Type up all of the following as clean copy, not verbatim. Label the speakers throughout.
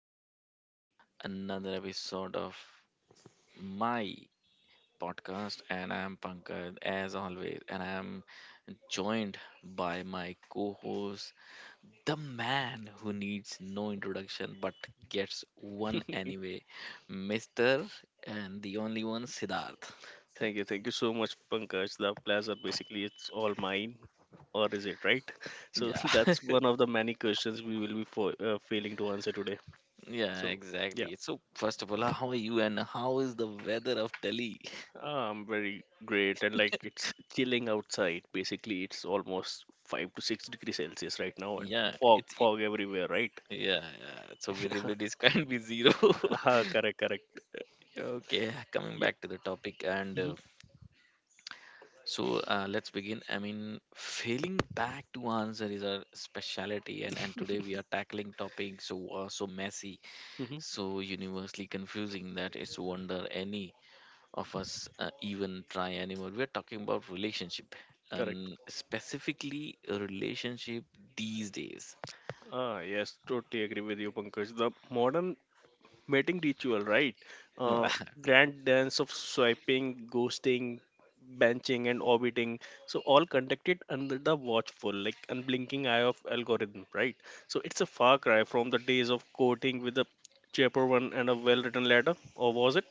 Speaker 1: the another episode of my podcast, and I am Pankaj as always, and I am joined by my co-host, the man who needs no introduction but gets one anyway, Mr. and the only one, Siddharth.
Speaker 2: Thank you, so much, Pankaj. The pleasure basically it's all mine, or is it right? So
Speaker 1: Yeah.
Speaker 2: that's one of the many questions we will be for, failing to answer today.
Speaker 1: Yeah,
Speaker 2: So yeah,
Speaker 1: exactly. So first of all, how are you and how is the weather of Delhi?
Speaker 2: Very great, and like it's chilling outside. Basically, it's almost 5 to 6 degrees Celsius right now, and
Speaker 1: Yeah,
Speaker 2: fog,
Speaker 1: it's
Speaker 2: fog everywhere, right?
Speaker 1: Yeah, yeah. So visibilities can't be zero.
Speaker 2: Correct.
Speaker 1: Okay, coming
Speaker 2: Yeah.
Speaker 1: back to the topic, and
Speaker 2: hmm
Speaker 1: let's begin. I mean, failing back to answer is our specialty, and today we are tackling topics so messy,
Speaker 2: hmm
Speaker 1: so universally confusing that it's wonder any of us even try anymore. We're talking about relationship,
Speaker 2: Correct.
Speaker 1: and specifically a relationship these days.
Speaker 2: Ah, yes, totally agree with you, Pankaj. The modern mating ritual, right? Uh, grand dance of swiping, ghosting, benching, and orbiting. So all conducted under the watchful, like unblinking eye of algorithm, right? So it's a far cry from the days of courting with a cheaper one and a well-written letter, or was it?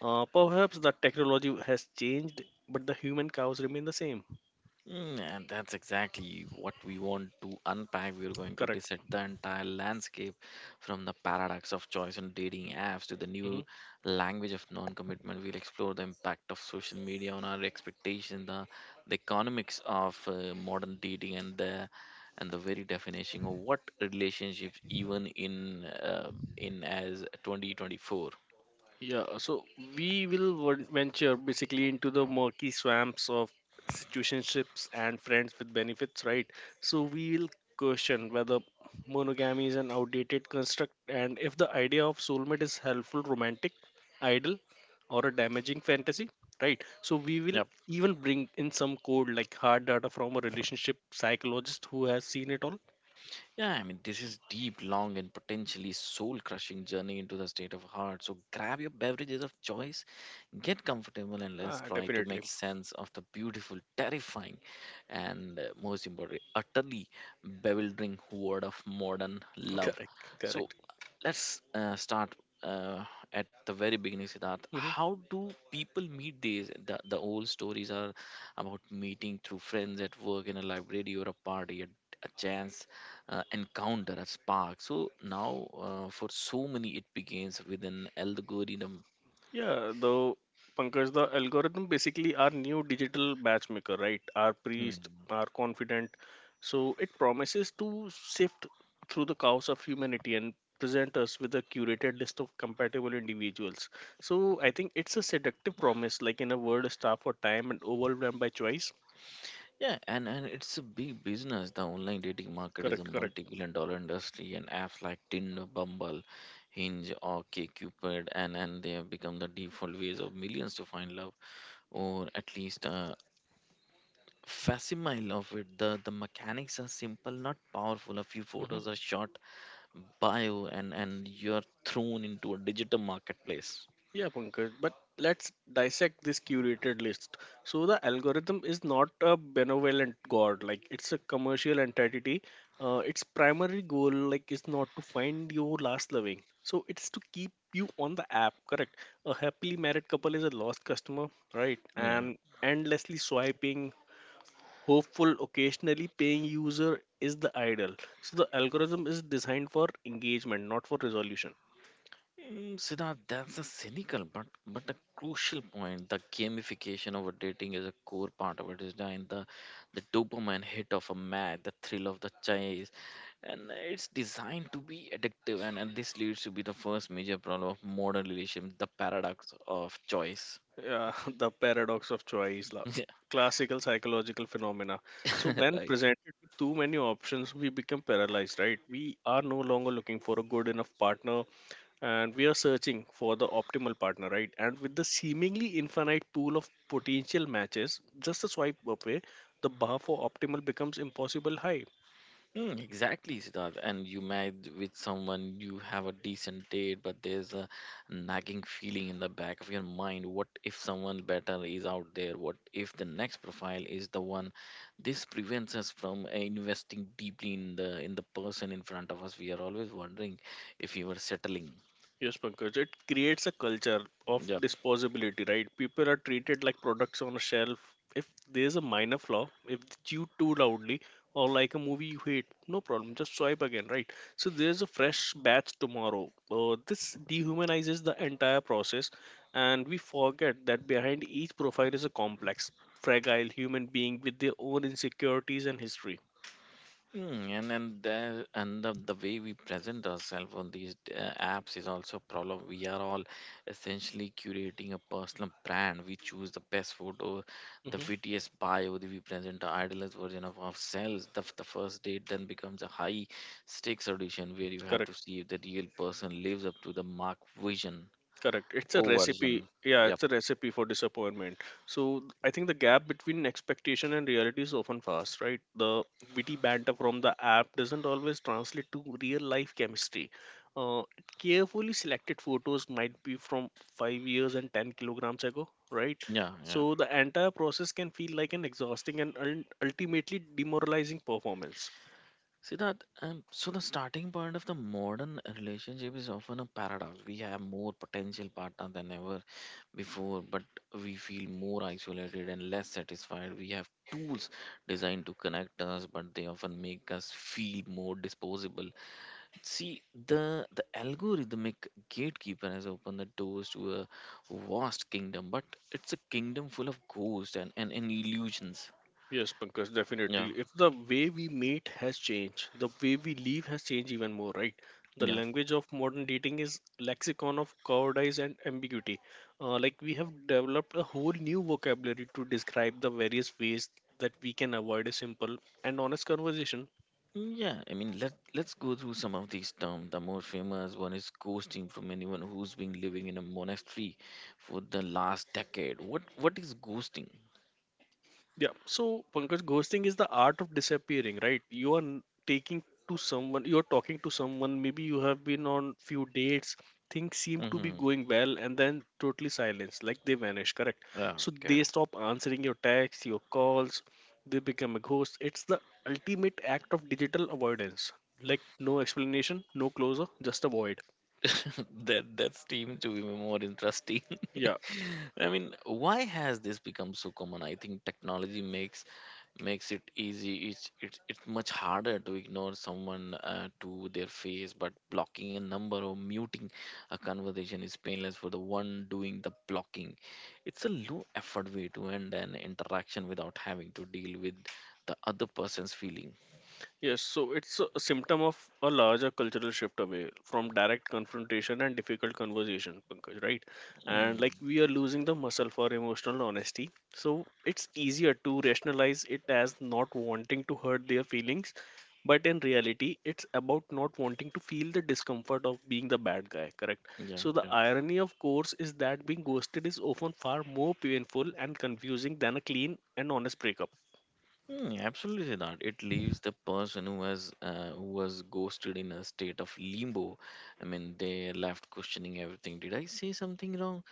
Speaker 2: Perhaps the technology has changed, but the human cows remain the same.
Speaker 1: Mm, and that's exactly what we want to unpack. We're going to
Speaker 2: Correct.
Speaker 1: dissect the entire landscape from the paradox of choice on dating apps to the new
Speaker 2: Mm-hmm.
Speaker 1: language of non commitment. We'll explore the impact of social media on our expectations, the economics of modern dating, and the very definition of what relationships even in as 2024.
Speaker 2: Yeah, so we will venture basically into the murky swamps of situationships and friends with benefits, right? So we will question whether monogamy is an outdated construct and if the idea of soulmate is helpful, romantic, ideal, or a damaging fantasy, right? So we will
Speaker 1: Yep.
Speaker 2: even bring in some code like hard data from a relationship psychologist who has seen it all.
Speaker 1: Yeah, I mean, this is deep, long, and potentially soul crushing journey into the state of heart. So grab your beverages of choice, get comfortable and let's
Speaker 2: Ah,
Speaker 1: try to
Speaker 2: definitely.
Speaker 1: make sense of the beautiful, terrifying, and most importantly, utterly bewildering world of modern love.
Speaker 2: Correct,
Speaker 1: So,
Speaker 2: correct.
Speaker 1: let's start uh, at the very beginning, Siddharth.
Speaker 2: Mm-hmm.
Speaker 1: How do people meet these? The old stories are about meeting through friends at work, in a library, or a party, a chance encounter, a spark. So, now for so many, it begins with an algorithm.
Speaker 2: Yeah, though Pankaj, the algorithm basically our new digital matchmaker, right? Our priest,
Speaker 1: Hmm.
Speaker 2: our confidant. So it promises to sift through the chaos of humanity and present us with a curated list of compatible individuals. So I think it's a seductive promise, like in a world starved for time and overwhelmed by choice.
Speaker 1: Yeah, and it's a big business. The online dating market is a
Speaker 2: Correct, correct.
Speaker 1: multi-billion-dollar industry, and apps like Tinder, Bumble, Hinge or KCupid, and they have become the default ways of millions to find love, or at least a facsimile of it. The mechanics are simple, not powerful. A few
Speaker 2: Mm-hmm.
Speaker 1: photos are shot, bio, and you're thrown into a digital marketplace.
Speaker 2: Yeah, Pankaj, but let's dissect this curated list. So the algorithm is not a benevolent god, like it's a commercial entity. Its primary goal, like, is not to find your last loving. So it's to keep you on the app, correct? A happily married couple is a lost customer, right?
Speaker 1: Yeah.
Speaker 2: And endlessly swiping, hopeful, occasionally paying user is the idol. So the algorithm is designed for engagement, not for resolution.
Speaker 1: Mm, Siddharth, that's a cynical but a crucial point. The gamification of dating is a core part of it. Is designed the dopamine hit of a match, the thrill of the chase, and it's designed to be addictive. And this leads to be the first major problem of modern relationship, the paradox of choice.
Speaker 2: Yeah, the paradox of choice, classical psychological phenomena. So
Speaker 1: Yeah,
Speaker 2: when
Speaker 1: right.
Speaker 2: presented with too many options, we become paralyzed, right? We are no longer looking for a good enough partner, and we are searching for the optimal partner, right? And with the seemingly infinite pool of potential matches, just a swipe away, the bar for optimal becomes impossible high.
Speaker 1: Mm, exactly, Siddharth. And you met with someone, you have a decent date, but there's a nagging feeling in the back of your mind. What if someone better is out there? What if the next profile is the one? This prevents us from investing deeply in the person in front of us. We are always wondering if we were settling.
Speaker 2: Yes, Pankaj, it creates a culture of
Speaker 1: Yeah.
Speaker 2: disposability, right? People are treated like products on a shelf. If there's a minor flaw, if it's chewed too loudly, or like a movie you hate, no problem, just swipe again, right? So there's a fresh batch tomorrow. This dehumanizes the entire process, and we forget that behind each profile is a complex, fragile human being with their own insecurities and history.
Speaker 1: Mm, and the way we present ourselves on these apps is also a problem. We are all essentially curating a personal brand. We choose the best photo, the
Speaker 2: hmm
Speaker 1: wittiest bio. We present the idealized version of ourselves. The first date then becomes a high stakes audition where you have
Speaker 2: Correct.
Speaker 1: to see if the real person lives up to the mark vision
Speaker 2: Correct. It's a
Speaker 1: or version.
Speaker 2: recipe. Yeah,
Speaker 1: Yep.
Speaker 2: it's a recipe for disappointment. So I think the gap between expectation and reality is often vast, right? The witty banter from the app doesn't always translate to real life chemistry. Uh, carefully selected photos might be from 5 years and 10 kilograms ago, right?
Speaker 1: Yeah. Yeah.
Speaker 2: So the entire process can feel like an exhausting and ultimately demoralizing performance.
Speaker 1: See that, so the starting point of the modern relationship is often a paradox. We have more potential partner than ever before, but we feel more isolated and less satisfied. We have tools designed to connect us, but they often make us feel more disposable. See, the algorithmic gatekeeper has opened the doors to a vast kingdom, but it's a kingdom full of ghosts and illusions.
Speaker 2: Yes, Pankaj, definitely.
Speaker 1: Yeah,
Speaker 2: If the way we meet has changed, the way we live has changed even more, right? The
Speaker 1: yeah.
Speaker 2: language of modern dating is lexicon of cowardice and ambiguity. Like we have developed a whole new vocabulary to describe the various ways that we can avoid a simple and honest conversation.
Speaker 1: Mm, yeah, I mean, let's go through some of these terms. The most famous one is ghosting from anyone who's been living in a monastery for the last decade. What is ghosting?
Speaker 2: Yeah. So, Pankaj, ghosting is the art of disappearing, right? Taking to someone, you are talking to someone, maybe you have been on few dates, things seem to be
Speaker 1: Hmm.
Speaker 2: going well, and then totally silence, like they vanish, correct?
Speaker 1: Yeah,
Speaker 2: So they
Speaker 1: correct.
Speaker 2: stop answering your texts, your calls, they become a ghost. It's the ultimate act of digital avoidance. Like no explanation, no closure, just avoid.
Speaker 1: That seems to be more interesting.
Speaker 2: Yeah.
Speaker 1: I mean, why has this become so common? I think technology makes it easy. It's much harder to ignore someone to their face, but blocking a number or muting a conversation is painless for the one doing the blocking. It's a low effort way to end an interaction without having to deal with the other person's feeling.
Speaker 2: Yes, so it's a symptom of a larger cultural shift away from direct confrontation and difficult conversation, Pankaj, right? And like
Speaker 1: Mm,
Speaker 2: we are losing the muscle for emotional honesty. So it's easier to rationalize it as not wanting to hurt their feelings, but in reality, it's about not wanting to feel the discomfort of being the bad guy, correct?
Speaker 1: yeah,
Speaker 2: So the
Speaker 1: yeah.
Speaker 2: irony, of course, is that being ghosted is often far more painful and confusing than a clean and honest breakup.
Speaker 1: Mm, absolutely not. It leaves the person who has who was ghosted in a state of limbo. I mean, they left questioning everything. Did I say something wrong?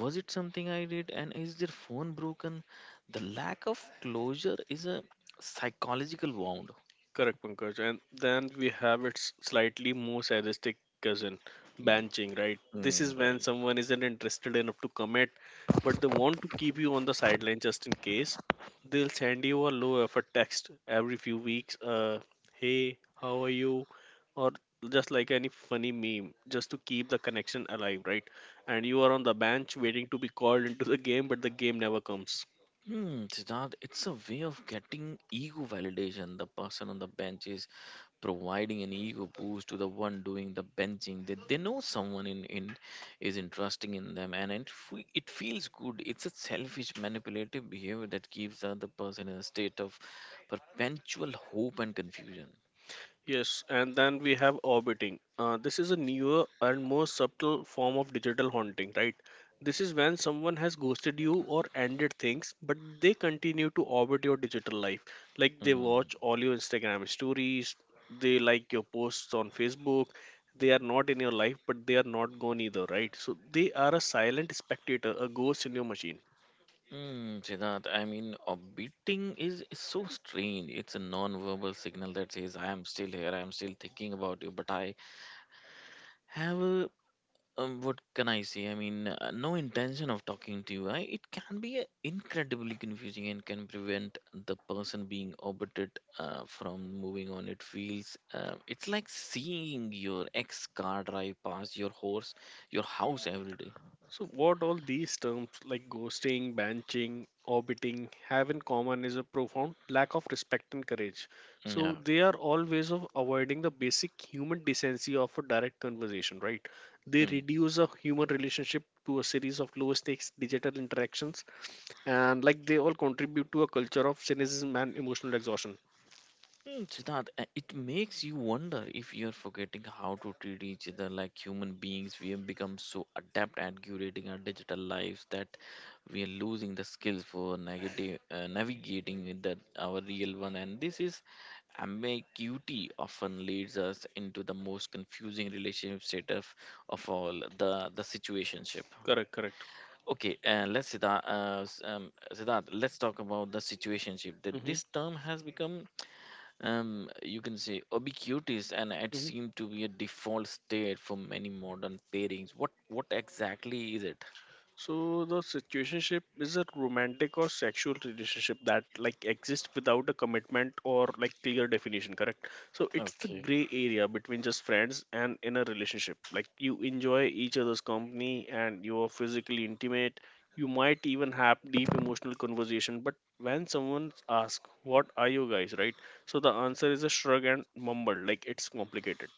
Speaker 1: Was it something I did? And is their phone broken? The lack of closure is a psychological wound.
Speaker 2: Correct, Pankaj. And then we have its slightly more sadistic cousin,
Speaker 1: Mm,
Speaker 2: benching, right? This is
Speaker 1: mm,
Speaker 2: when
Speaker 1: right.
Speaker 2: someone isn't interested enough to commit, but they want to keep you on the sideline just in case. They'll send you a low effort text every few weeks, hey, how are you? Or just like any funny meme, just to keep the connection alive, right? And you are on the bench waiting to be called into the game, but the game never comes.
Speaker 1: Hmm, Siddharth, it's a way of getting ego validation. The person on the bench is providing an ego boost to the one doing the benching. They know someone in is interesting in them, and it feels good. It's a selfish, manipulative behavior that keeps the other person in a state of perpetual hope and confusion.
Speaker 2: Yes, and then we have orbiting. This is a newer and more subtle form of digital haunting, right? This is when someone has ghosted you or ended things, but they continue to orbit your digital life. Like they watch
Speaker 1: Mm-hmm.
Speaker 2: all your Instagram stories, they like your posts on Facebook. They are not in your life, but they are not gone either, right? So they are a silent spectator, a ghost in your machine.
Speaker 1: Mm, Siddharth, I mean, orbiting is so strange. It's a non-verbal signal that says, "I am still here. I am still thinking about you, but I have a, what can I say? I mean, no intention of talking to you." I, it can be incredibly confusing and can prevent the person being orbited from moving on. It feels it's like seeing your ex car drive past your horse, your house every day.
Speaker 2: So, what all these terms like ghosting, banching, orbiting have in common is a profound lack of respect and courage. So,
Speaker 1: Yeah.
Speaker 2: they are all ways of avoiding the basic human decency of a direct conversation, right? They
Speaker 1: Hmm.
Speaker 2: reduce a human relationship to a series of low stakes digital interactions, and like they all contribute to a culture of cynicism and emotional exhaustion.
Speaker 1: Hmm, Siddharth, it makes you wonder if you're forgetting how to treat each other like human beings. We have become so adept at curating our digital lives that we are losing the skills for negative, navigating with the, our real one. And this is ambiguity often leads us into the most confusing relationship setup of all, the situationship.
Speaker 2: Correct, correct.
Speaker 1: Okay, Siddharth, let's talk about the situationship. That
Speaker 2: Mm-hmm,
Speaker 1: this term has become you can say ubiquitous, and it
Speaker 2: mm-hmm.
Speaker 1: seemed to be a default state for many modern pairings. What exactly is it?
Speaker 2: So the situationship is a romantic or sexual relationship that like exists without a commitment or like clear definition, correct? So it's the
Speaker 1: Okay.
Speaker 2: gray area between just friends and in a relationship. Like you enjoy each other's company and you are physically intimate. You might even have deep emotional conversation, but when someone asks, "What are you guys?" right? So the answer is a shrug and mumble, like it's complicated.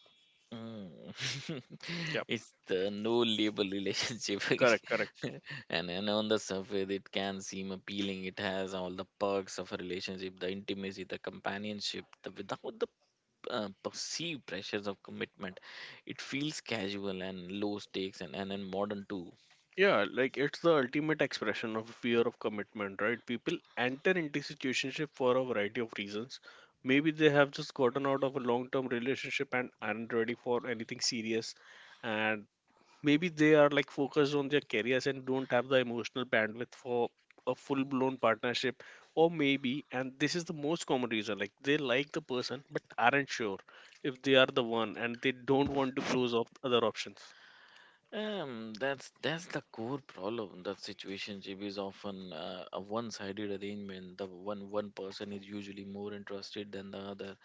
Speaker 1: Mm.
Speaker 2: Yeah,
Speaker 1: It's the no label relationship.
Speaker 2: correct, correct.
Speaker 1: And on the surface, it can seem appealing. It has all the perks of a relationship, the intimacy, the companionship, the without the perceived pressures of commitment. It feels casual and low stakes, and modern too.
Speaker 2: Yeah, like it's the ultimate expression of fear of commitment, right? People enter into situationship for a variety of reasons. Maybe they have just gotten out of a long-term relationship and aren't ready for anything serious, and maybe they are like focused on their careers and don't have the emotional bandwidth for a full-blown partnership, or maybe, and this is the most common reason, like they like the person but aren't sure if they are the one, and they don't want to close off other options.
Speaker 1: That's the core problem. That situationship is often a one-sided arrangement. The one person is usually more interested than the other.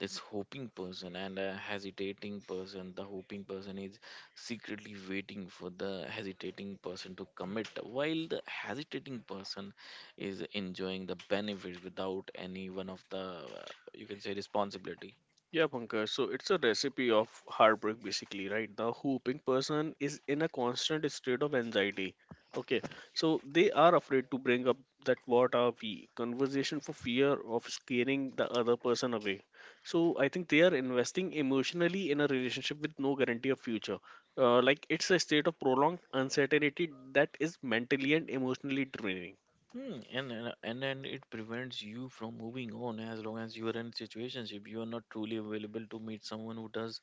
Speaker 1: This hoping person and a hesitating person. The hoping person is secretly waiting for the hesitating person to commit, while the hesitating person is enjoying the benefits without any one of the uh, you can say responsibility.
Speaker 2: Yeah, Pankaj. So it's a recipe of heartbreak, basically, right? The hooping person is in a constant state of anxiety. Okay, so they are afraid to bring up that what are we conversation for fear of scaring the other person away. So I think they are investing emotionally in a relationship with no guarantee of future. Like it's a state of prolonged uncertainty that is mentally and emotionally draining.
Speaker 1: Hmm, and then it prevents you from moving on. As long as you are in a situationship, you are not truly available to meet someone who does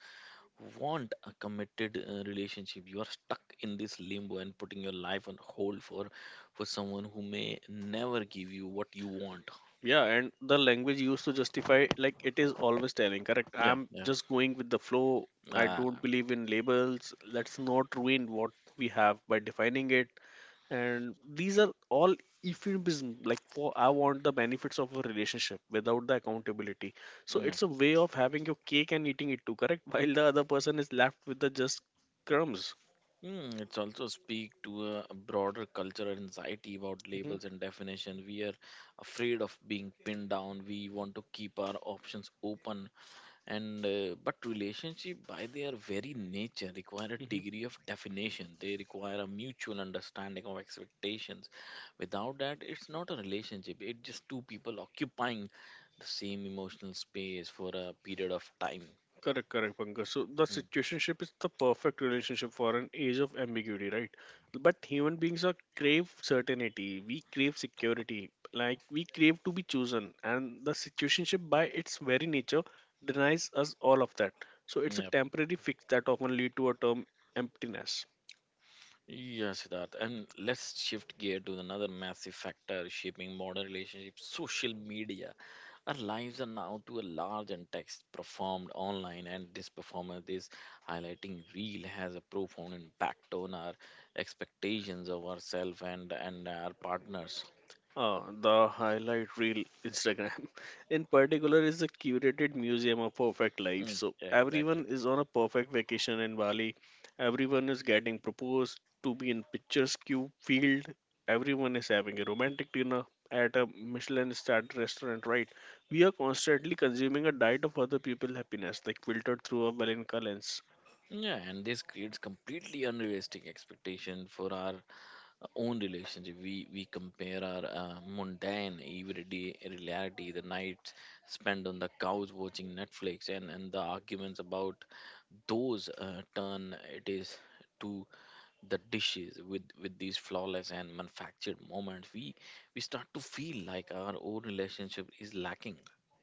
Speaker 1: want a committed relationship. You are stuck in this limbo and putting your life on hold for someone who may never give you what you want.
Speaker 2: Yeah, and the language used to justify, like, it is always telling, correct?
Speaker 1: Yeah,
Speaker 2: I'm
Speaker 1: yeah,
Speaker 2: just going with the flow. I
Speaker 1: ah,
Speaker 2: don't believe in labels. Let's not ruin what we have by defining it. And these are all euphemism. Like, for I want the benefits of a relationship without the accountability. So
Speaker 1: yeah.
Speaker 2: it's a way of having your cake and eating it too, correct? While the other person is left with the just crumbs.
Speaker 1: Mm, it's also speak to a broader cultural anxiety about
Speaker 2: hmm
Speaker 1: labels and definition. We are afraid of being pinned down. We want to keep our options open and but relationship by their very nature require a
Speaker 2: hmm
Speaker 1: degree of definition. They require a mutual understanding of expectations. Without that, it's not a relationship, it's just two people occupying the same emotional space for a period of time.
Speaker 2: Correct, correct, Pankaj. So the
Speaker 1: Mm.
Speaker 2: situationship is the perfect relationship for an age of ambiguity, right? But human beings are crave certainty. We crave security. Like we crave to be chosen, and the situationship by its very nature denies us all of that. So it's a
Speaker 1: Yep.
Speaker 2: temporary fix that often lead to a term emptiness.
Speaker 1: Yes, Siddharth. And let's shift gear to another massive factor shaping modern relationships, social media. Our lives are now to a large and text performed online, and this performance, this highlighting reel, has a profound impact on our expectations of ourselves and our partners.
Speaker 2: The highlight reel Instagram in particular is a curated museum of perfect life.
Speaker 1: Mm,
Speaker 2: So
Speaker 1: yeah, exactly.
Speaker 2: everyone is on a perfect vacation in Bali. Everyone is getting proposed to be in picturesque field. Everyone is having a romantic dinner at a Michelin starred restaurant, right? We are constantly consuming a diet of other people's happiness, like filtered through a Valenka lens.
Speaker 1: Yeah, and this creates completely unrealistic expectation for our own relationship. We compare our mundane everyday reality, the nights spent on the couch watching Netflix, and the arguments about those turn it is to the dishes, with these flawless and manufactured moments. We start to feel like our own relationship is lacking.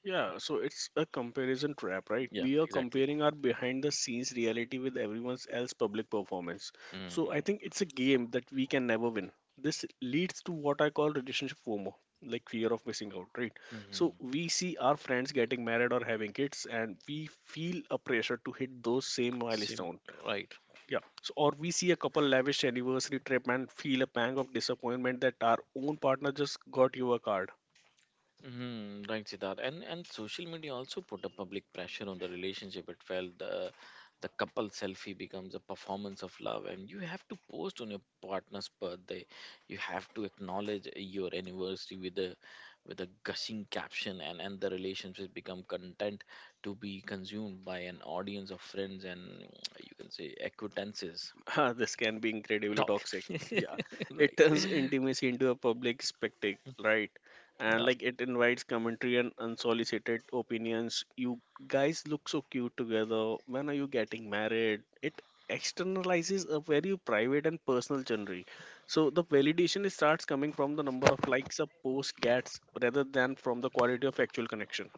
Speaker 2: Yeah, so it's a comparison trap, right?
Speaker 1: Yeah,
Speaker 2: We are
Speaker 1: exactly.
Speaker 2: comparing our behind the scenes reality with everyone else's public performance. So I think
Speaker 1: Mm-hmm.
Speaker 2: it's a game that we can never win. This leads to what I call relationship FOMO, like fear of missing out, right? So we see our friends getting married or having kids, and we feel a pressure to hit those same
Speaker 1: Sim-
Speaker 2: milestone.
Speaker 1: right.
Speaker 2: Yeah. So, or we see a couple lavish anniversary trip and feel a pang of disappointment that our own partner just got you a card.
Speaker 1: Hmm. Right, Siddharth. And social media also put a public pressure on the relationship. It felt the couple selfie becomes a performance of love, and you have to post on your partner's birthday. You have to acknowledge your anniversary with a gushing caption, and the relationship become content to be consumed by an audience of friends and you can say acquaintances.
Speaker 2: Ah, this can be incredibly
Speaker 1: Talk,
Speaker 2: toxic. Yeah, it
Speaker 1: right?
Speaker 2: turns intimacy into a public spectacle, right? And like it invites commentary and unsolicited opinions. You guys look so cute together. When are you getting married? It externalizes a very private and personal journey. So the validation starts coming from the number of likes a post gets rather than from the quality of actual connection.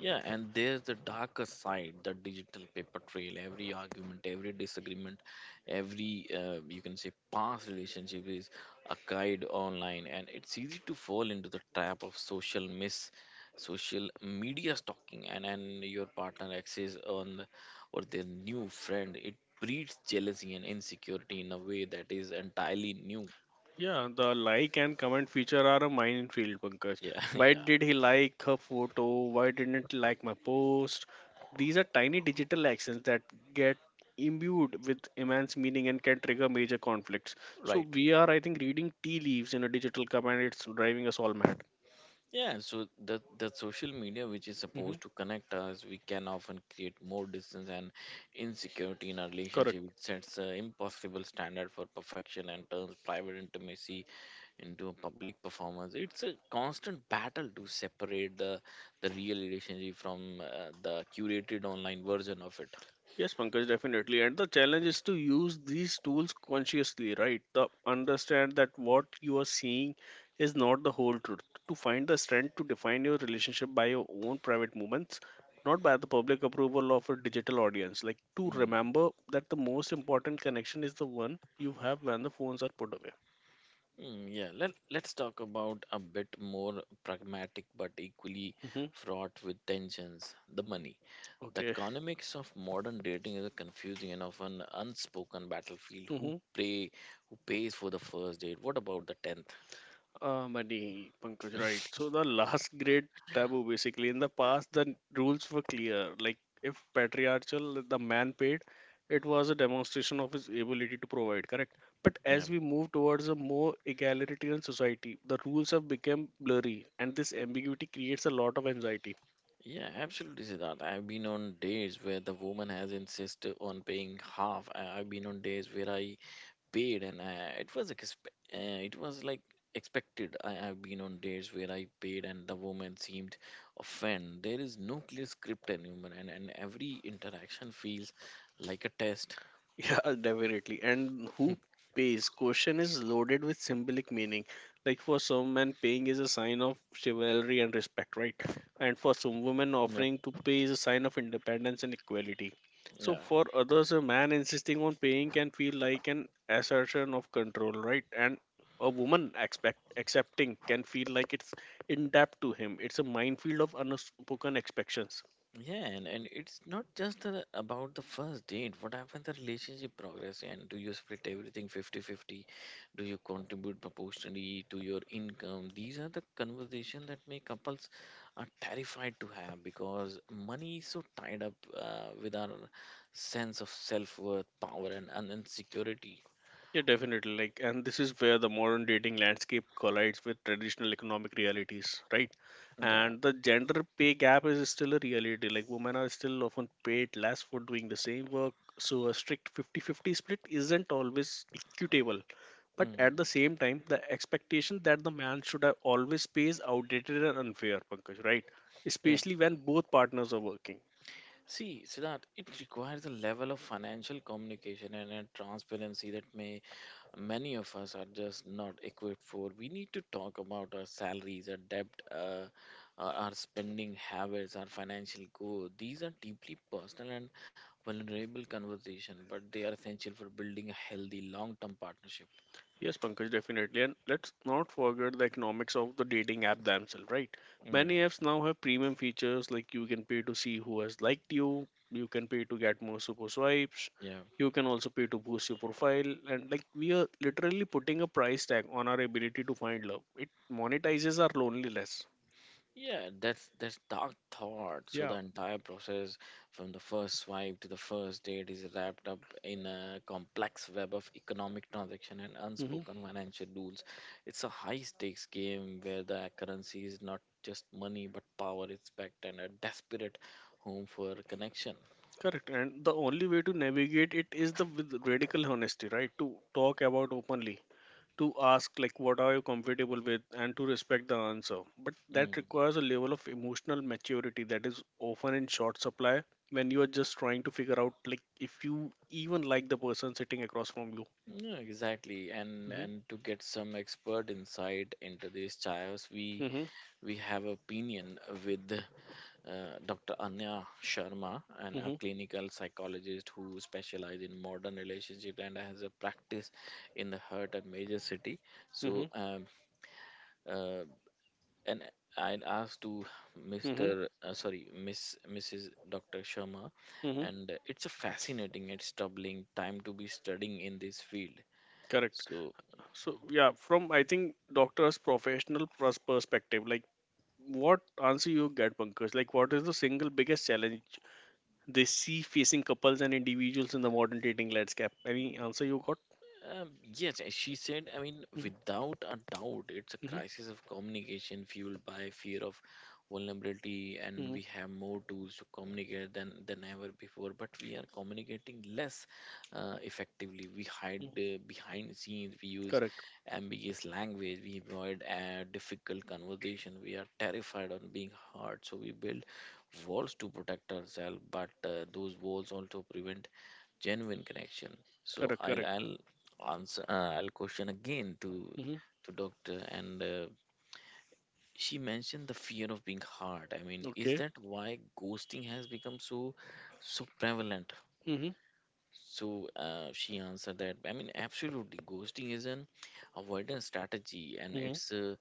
Speaker 1: Yeah, and there's the darker side, the digital paper trail. Every argument, every disagreement, every you can say past relationship is archived online, and it's easy to fall into the trap of social miss, social media stalking, and your partner access on the- or their new friend. It breeds jealousy and insecurity in a way that is entirely new.
Speaker 2: Yeah, the like and comment feature are a minefield, Pankaj.
Speaker 1: Yeah,
Speaker 2: Why
Speaker 1: yeah,
Speaker 2: did he like her photo? Why didn't he like my post? These are tiny digital actions that get imbued with immense meaning and can trigger major conflicts. So
Speaker 1: right.
Speaker 2: we are, I think, reading tea leaves in a digital comment. It's driving us all mad.
Speaker 1: Yeah, so the social media, which is
Speaker 2: Hmm.
Speaker 1: supposed to connect us, we can often create more distance and insecurity in our
Speaker 2: Correct.
Speaker 1: relationship. It sets an impossible standard for perfection and turns private intimacy into a public performance. It's a constant battle to separate the real relationship from the curated online version of it.
Speaker 2: Yes, Pankaj, definitely. And the challenge is to use these tools consciously, right? The understand that what you are seeing is not the whole truth. To find the strength to define your relationship by your own private movements, not by the public approval of a digital audience. Like to
Speaker 1: Hmm.
Speaker 2: remember that the most important connection is the one you have when the phones are put away.
Speaker 1: Mm, yeah, let's talk about a bit more pragmatic but equally
Speaker 2: Hmm.
Speaker 1: fraught with tensions the money. The
Speaker 2: Okay.
Speaker 1: economics of modern dating is a confusing and often unspoken battlefield. Who pay, who pays for the first date? What about the tenth?
Speaker 2: Money, Pankaj, right. So the last great taboo, basically. In the past, the rules were clear. Like, if patriarchal, the man paid, it was a demonstration of his ability to provide, correct? But
Speaker 1: Yeah,
Speaker 2: as we move towards a more egalitarian society, the rules have become blurry, and this ambiguity creates a lot of anxiety.
Speaker 1: yeah, absolutely, Siddharth. I've been on days where the woman has insisted on paying half. I've been on days where I paid, and it was it was like expected. I have been on dates where I paid, and the woman seemed offended. There is no clear script anymore, and every interaction feels like a test.
Speaker 2: Yeah, definitely. And who pays? Question is loaded with symbolic meaning. Like for some men, paying is a sign of chivalry and respect, right? And for some women,
Speaker 1: Yep.
Speaker 2: offering to pay is a sign of independence and equality. So for others, a man insisting on paying can feel like an assertion of control, right? And a woman expect accepting can feel like it's in debt to him. It's a minefield of unspoken expectations.
Speaker 1: Yeah, and it's not just about the first date. What happens the relationship progress? And do you split everything fifty-fifty? Do you contribute proportionally to your income? These are the conversation that many couples are terrified to have because money is so tied up with our sense of self-worth, power, and insecurity.
Speaker 2: Yeah, definitely. Like, and this is where the modern dating landscape collides with traditional economic realities, right?
Speaker 1: Yeah.
Speaker 2: And the gender pay gap is still a reality. Like, women are still often paid less for doing the same work. So, a strict 50-50 split isn't always equitable. But at the
Speaker 1: Mm.
Speaker 2: same time, the expectation that the man should have always pay is outdated and unfair, Pankaj, right?
Speaker 1: Yeah.
Speaker 2: Especially when both partners are working.
Speaker 1: See, Siddharth, it requires a level of financial communication and a transparency that may many of us are just not equipped for. We need to talk about our salaries, our debt, our spending habits, our financial goal. These are deeply personal and vulnerable conversation, but they are essential for building a healthy long-term partnership.
Speaker 2: Yes, Pankaj, definitely. And let's not forget the economics of the dating app themselves, right? Many
Speaker 1: Yeah,
Speaker 2: apps now have premium features like you can pay to see who has liked you, you can pay to get more super swipes,
Speaker 1: yeah.
Speaker 2: you can also pay to boost your profile. And like we are literally putting a price tag on our ability to find love. It monetizes our loneliness.
Speaker 1: Yeah, that's dark thought. So the
Speaker 2: Yeah.
Speaker 1: entire process from the first swipe to the first date is wrapped up in a complex web of economic transaction and
Speaker 2: Mm-hmm.
Speaker 1: unspoken financial rules. It's a high stakes game where the currency is not just money but power, respect, and a desperate home for connection.
Speaker 2: Correct. And the only way to navigate it is the with radical honesty, right? To talk about openly, to ask like what are you comfortable with and to respect the answer, but that
Speaker 1: Mm.
Speaker 2: requires a level of emotional maturity that is often in short supply when you are just trying to figure out like if you even like the person sitting across from you.
Speaker 1: Yeah, exactly. And
Speaker 2: Hmm.
Speaker 1: and to get some expert insight into this chaos, we
Speaker 2: Hmm.
Speaker 1: we have opinion with Dr. Anya Sharma, and a
Speaker 2: Hmm.
Speaker 1: clinical psychologist who specializes in modern relationship and has a practice in the heart and major city.
Speaker 2: Hmm.
Speaker 1: So, uh, and I'd asked to Mr.
Speaker 2: Hmm.
Speaker 1: Uh, sorry, Miss Mrs. Dr. Sharma,
Speaker 2: Hmm.
Speaker 1: and it's a fascinating, it's troubling time to be studying in this field.
Speaker 2: Correct.
Speaker 1: So,
Speaker 2: So yeah, from I think doctor's professional perspective, like, what answer you get, Pankaj? Like what is the single biggest challenge they see facing couples and individuals in the modern dating landscape? Any answer you got?
Speaker 1: um, yes, as she said, I mean,
Speaker 2: Mm-hmm.
Speaker 1: without a doubt, it's a
Speaker 2: Mhm,
Speaker 1: crisis of communication fueled by fear of vulnerability, and
Speaker 2: mhm,
Speaker 1: we have more tools to communicate than ever before, but we are communicating less effectively. We hide
Speaker 2: mhm.
Speaker 1: behind scenes, we use
Speaker 2: Correct.
Speaker 1: ambiguous language, we avoid difficult conversation, we are terrified on being hurt, so we build walls to protect ourselves, but those walls also prevent genuine connection. So
Speaker 2: Correct.
Speaker 1: i'll
Speaker 2: Correct.
Speaker 1: i'll answer, I'll question again
Speaker 2: Mhm.
Speaker 1: to doctor, and she mentioned the fear of being hard. I mean, is
Speaker 2: Okay.
Speaker 1: that why ghosting has become so so prevalent?
Speaker 2: Mhm,
Speaker 1: So she answered that, I mean, absolutely, ghosting is an avoidance strategy and
Speaker 2: mhm.
Speaker 1: it's a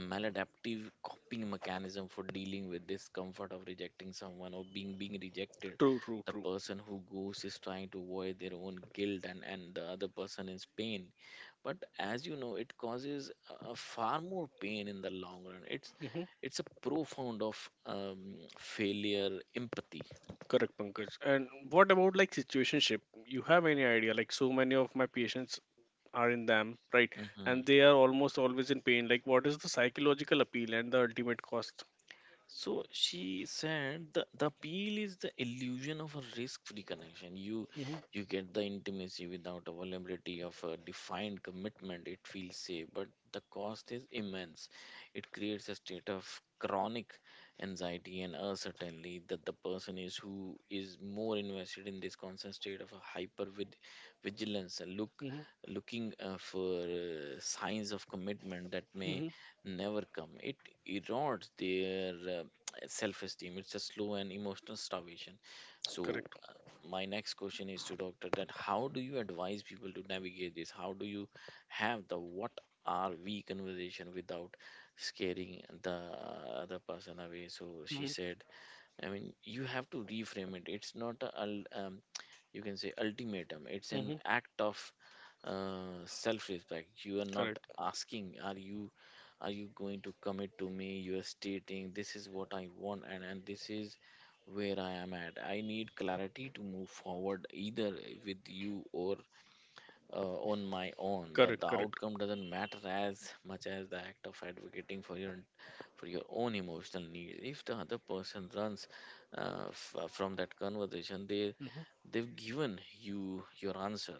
Speaker 1: maladaptive coping mechanism for dealing with discomfort of rejecting someone or being rejected.
Speaker 2: True. True.
Speaker 1: The
Speaker 2: True.
Speaker 1: person who ghosts is trying to avoid their own guilt, and, the other person is pain. But as you know, it causes far more pain in the long run. It's
Speaker 2: Mhm.
Speaker 1: it's a profound of failure empathy.
Speaker 2: Correct, Pankaj. And what about like situationship? You have any idea? Like so many of my patients are in them, right?
Speaker 1: Mhm.
Speaker 2: And they are almost always in pain. Like what is the psychological appeal and the ultimate cost?
Speaker 1: So she said the appeal is the illusion of a risk-free connection. You
Speaker 2: Mhm,
Speaker 1: you get the intimacy without a vulnerability of a defined commitment. It feels safe, but the cost is immense. It creates a state of chronic anxiety and uncertainty that the person is who is more invested in this constant state of a vigilance, a look
Speaker 2: mhm,
Speaker 1: looking for signs of commitment that may
Speaker 2: mhm.
Speaker 1: never come. It erodes their self-esteem. It's a slow and emotional starvation. So,
Speaker 2: Correct.
Speaker 1: uh, my next question is to doctor, that how do you advise people to navigate this? How do you have the "what are we" conversation without scaring the other person away? So she
Speaker 2: Mhm,
Speaker 1: said, I mean, you have to reframe it. It's not a you can say ultimatum. It's an
Speaker 2: mhm.
Speaker 1: act of self-respect. You are not
Speaker 2: Correct.
Speaker 1: asking, are you? Are you going to commit to me? You are stating this is what I want, and this is where I am at. I need clarity to move forward either with you or on my own. That
Speaker 2: Correct.
Speaker 1: the
Speaker 2: Correct.
Speaker 1: outcome doesn't matter as much as the act of advocating for your, for your own emotional needs. If the other person runs from that conversation, they they've given you your answer.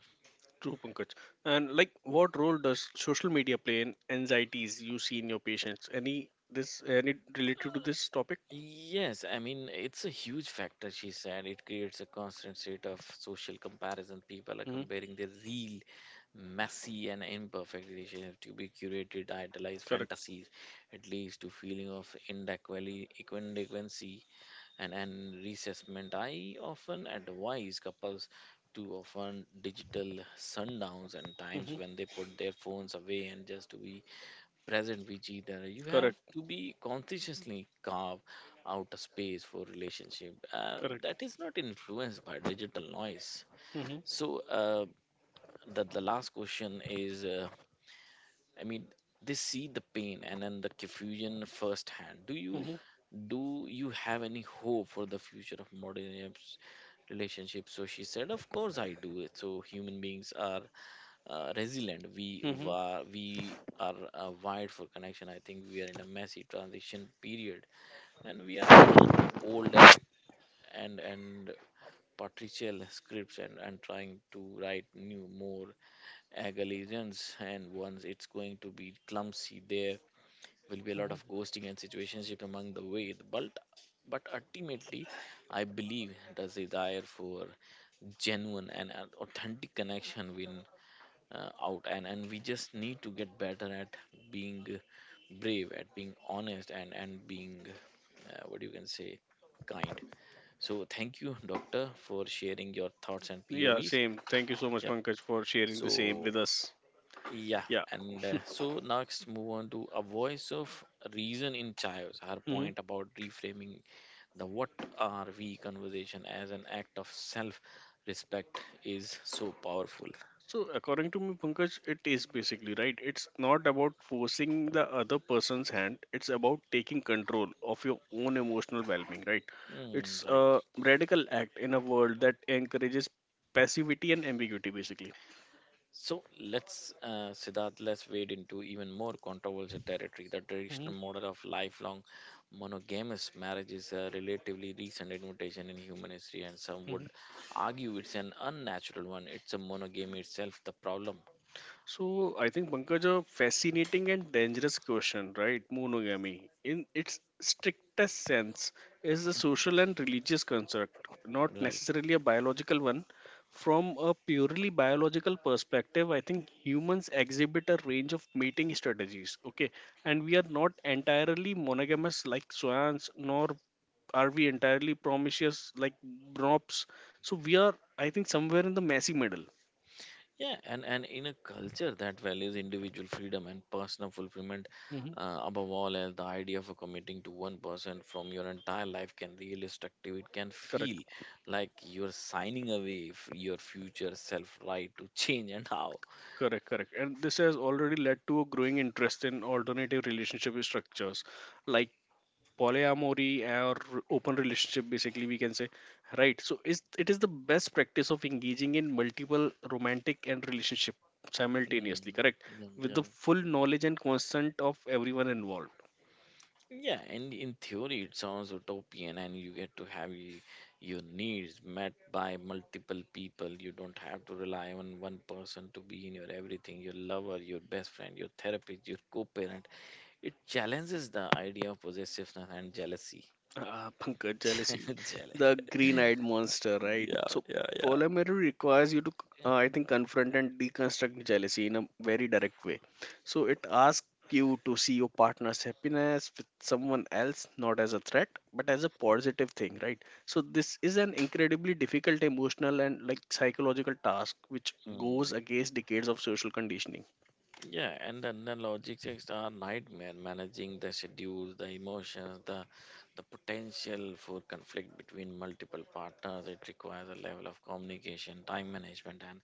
Speaker 2: True, Pankaj. And like, what role does social media play in anxieties you see in your patients? Any this any related to this topic?
Speaker 1: Yes, I mean, it's a huge factor, she said. It creates a constant state of social comparison. People are
Speaker 2: Mm-hmm.
Speaker 1: comparing their real, messy, and imperfect relationship to be curated, idealized
Speaker 2: Correct.
Speaker 1: fantasies. It leads to feeling of inadequacy and, resentment. I often advise couples to often digital sundowns and times
Speaker 2: Hmm.
Speaker 1: when they put their phones away and just to be present with either. You have
Speaker 2: Correct.
Speaker 1: to be consciously carve out a space for relationship
Speaker 2: Correct.
Speaker 1: that is not influenced by digital noise.
Speaker 2: Hmm.
Speaker 1: So the last question is, I mean, they see the pain and then the confusion firsthand. Do you
Speaker 2: Hmm.
Speaker 1: do you have any hope for the future of modern relationships? So she said, of course I do. It so human beings are resilient.
Speaker 2: Hmm.
Speaker 1: We are wired for connection. I think we are in a messy transition period, and we are unlike old and and patricial scripts, and trying to write new, more egalitarians. And once it's going to be clumsy, there will be a lot
Speaker 2: Hmm.
Speaker 1: of ghosting and situationship among the way. But ultimately, I believe the desire for genuine and authentic connection win out, and we just need to get better at being brave, at being honest, and being what you can say kind. So thank you doctor for sharing your thoughts and
Speaker 2: Yeah,
Speaker 1: povs.
Speaker 2: same. Thank you so much,
Speaker 1: Yeah,
Speaker 2: Pankaj, for sharing
Speaker 1: so
Speaker 2: the same with us.
Speaker 1: yeah,
Speaker 2: Yeah.
Speaker 1: and so next move on to a voice of reason in chios. Her
Speaker 2: Hmm.
Speaker 1: point about reframing the "what are we" conversation as an act of self respect is so powerful.
Speaker 2: So, according to me, Pankaj, it is basically right. It's not about forcing the other person's hand. It's about taking control of your own emotional well-being, right?
Speaker 1: Mm,
Speaker 2: It's
Speaker 1: right.
Speaker 2: a radical act in a world that encourages passivity and ambiguity, basically.
Speaker 1: So let's, Siddharth, let's wade into even more controversial territory. The
Speaker 2: Mm-hmm.
Speaker 1: traditional model of lifelong monogamous marriage is a relatively recent invention in human history, and some would argue it's an unnatural one. It's a monogamy itself, the problem,
Speaker 2: So I think Pankaj, a fascinating and dangerous question, right? Monogamy, in its strictest sense, is a social and religious construct, not
Speaker 1: right?
Speaker 2: necessarily a biological one. From a purely biological perspective, I think humans exhibit a range of mating strategies. Okay, and we are not entirely monogamous like swans, nor are we entirely promiscuous like broncs. So we are, I think, somewhere in the messy middle.
Speaker 1: Yeah, and in a culture that values individual freedom and personal fulfillment
Speaker 2: Hmm.
Speaker 1: above all else, the idea of committing to one person from your entire life can really destructive. It can
Speaker 2: Correct.
Speaker 1: feel like you're signing away your future self right to change and how.
Speaker 2: Correct, correct. And this has already led to a growing interest in alternative relationship structures like polyamory or open relationship, basically we can say, right? So is it, is the best practice of engaging in multiple romantic and relationship simultaneously,
Speaker 1: Mm,
Speaker 2: correct?
Speaker 1: yeah,
Speaker 2: With
Speaker 1: yeah.
Speaker 2: the full knowledge and consent of everyone involved.
Speaker 1: Yeah, and in theory, it sounds utopian, and you get to have your needs met by multiple people. You don't have to rely on one person to be in your everything, your lover, your best friend, your therapist, your co parent. It challenges the idea of possessiveness and jealousy.
Speaker 2: Pankaj, jealousy,
Speaker 1: Jealous.
Speaker 2: the green-eyed monster, right?
Speaker 1: Yeah,
Speaker 2: So
Speaker 1: yeah,
Speaker 2: polyamory requires you to, I think, confront and deconstruct jealousy in a very direct way. So it asks you to see your partner's happiness with someone else not as a threat but as a positive thing, right? So this is an incredibly difficult emotional and like psychological task which
Speaker 1: yeah.
Speaker 2: goes against decades of social conditioning.
Speaker 1: Yeah, and then the logistics are nightmare managing the schedules, the emotions, the potential for conflict between multiple partners. It requires a level of communication, time management, and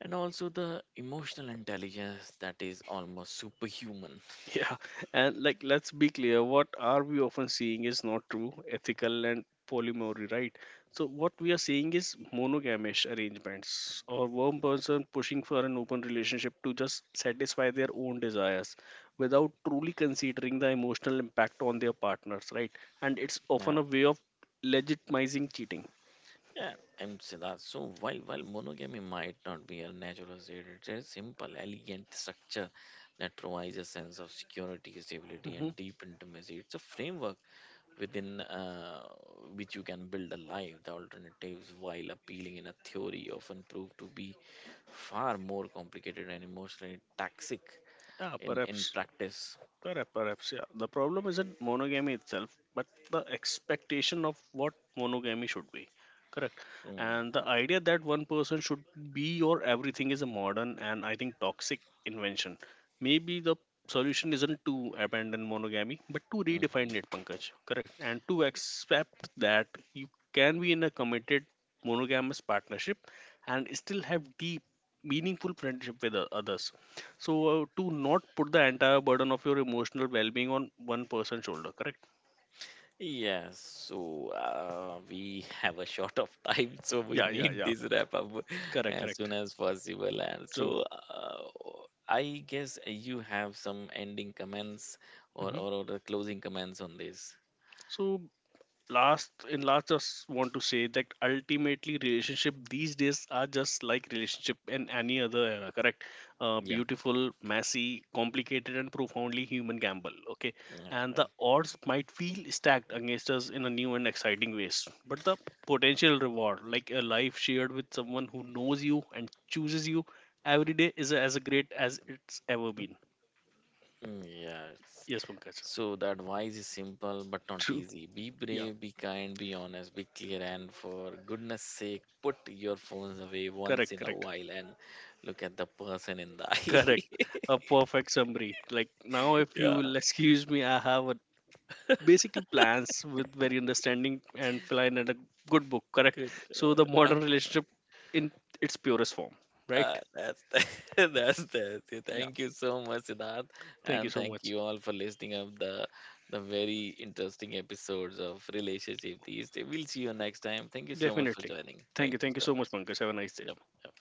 Speaker 1: and also the emotional intelligence that is almost superhuman.
Speaker 2: Yeah, and like let's be clear, what are we often seeing is not true, ethical and polyamory, right? So what we are seeing is monogamish arrangements or one person pushing for an open relationship to just satisfy their own desires without truly considering the emotional impact on their partners, right? And it's often
Speaker 1: Yeah.
Speaker 2: a way of legitimizing cheating.
Speaker 1: Yeah, and so that, so while monogamy might not be a natural state, it's a simple, elegant structure that provides a sense of security, stability,
Speaker 2: Hmm.
Speaker 1: and deep intimacy. It's a framework within which you can build a life. The alternatives, while appealing in a theory, often prove to be far more complicated and emotionally toxic
Speaker 2: Yeah,
Speaker 1: in
Speaker 2: perhaps.
Speaker 1: practice.
Speaker 2: Perhaps, perhaps, yeah. The problem isn't monogamy itself, but the expectation of what monogamy should be. Correct. And
Speaker 1: Mm,
Speaker 2: the idea that one person should be your everything is a modern and I think toxic invention. Maybe the solution isn't to abandon monogamy, but to redefine
Speaker 1: mhm.
Speaker 2: it, Pankaj. Correct. And to accept that you can be in a committed monogamous partnership and still have deep, meaningful friendship with others. So to not put the entire burden of your emotional well-being on one person's shoulder, correct?
Speaker 1: Yes, so we have a short of time, so we
Speaker 2: Yeah, yeah,
Speaker 1: need
Speaker 2: yeah.
Speaker 1: this wrap up
Speaker 2: Correct,
Speaker 1: as soon
Speaker 2: correct.
Speaker 1: as possible. And
Speaker 2: True.
Speaker 1: so I guess you have some ending comments or,
Speaker 2: Hmm.
Speaker 1: or the closing comments on this.
Speaker 2: So last in last, just want to say that ultimately relationship these days are just like relationship in any other era, correct?
Speaker 1: Yeah.
Speaker 2: Beautiful, messy, complicated, and profoundly human gamble, okay? And
Speaker 1: Yeah.
Speaker 2: the odds might feel stacked against us in a new and exciting ways, but the potential reward, like a life shared with someone who knows you and chooses you every day, is as great as it's ever been.
Speaker 1: Mm, yes.
Speaker 2: Yes, Pankaj.
Speaker 1: So the advice is simple but not
Speaker 2: True.
Speaker 1: easy. Be
Speaker 2: Yeah.
Speaker 1: brave, be kind, be honest, be clear, and for goodness sake, put your phones away once
Speaker 2: Correct,
Speaker 1: in a
Speaker 2: correct.
Speaker 1: while and look at the person in the
Speaker 2: Correct.
Speaker 1: eye.
Speaker 2: A perfect summary. Like now, if you
Speaker 1: Yeah,
Speaker 2: will excuse me, I have a, basically plans with very understanding and flying and a good book. Correct.
Speaker 1: good.
Speaker 2: So the
Speaker 1: Uh,
Speaker 2: modern relationship in its purest form. Right.
Speaker 1: that's that. That's that. So
Speaker 2: Yeah.
Speaker 1: thank you so much, Siddharth,
Speaker 2: Thank you
Speaker 1: and
Speaker 2: so
Speaker 1: thank
Speaker 2: much.
Speaker 1: you all for listening up the very interesting episodes of relationship these days. We'll see you next time. Thank you so much for
Speaker 2: Definitely.
Speaker 1: joining.
Speaker 2: Thank you.
Speaker 1: Thank you
Speaker 2: Thank you
Speaker 1: so
Speaker 2: so
Speaker 1: much.
Speaker 2: much, Pankaj. Have a nice day.
Speaker 1: Yep. Yep.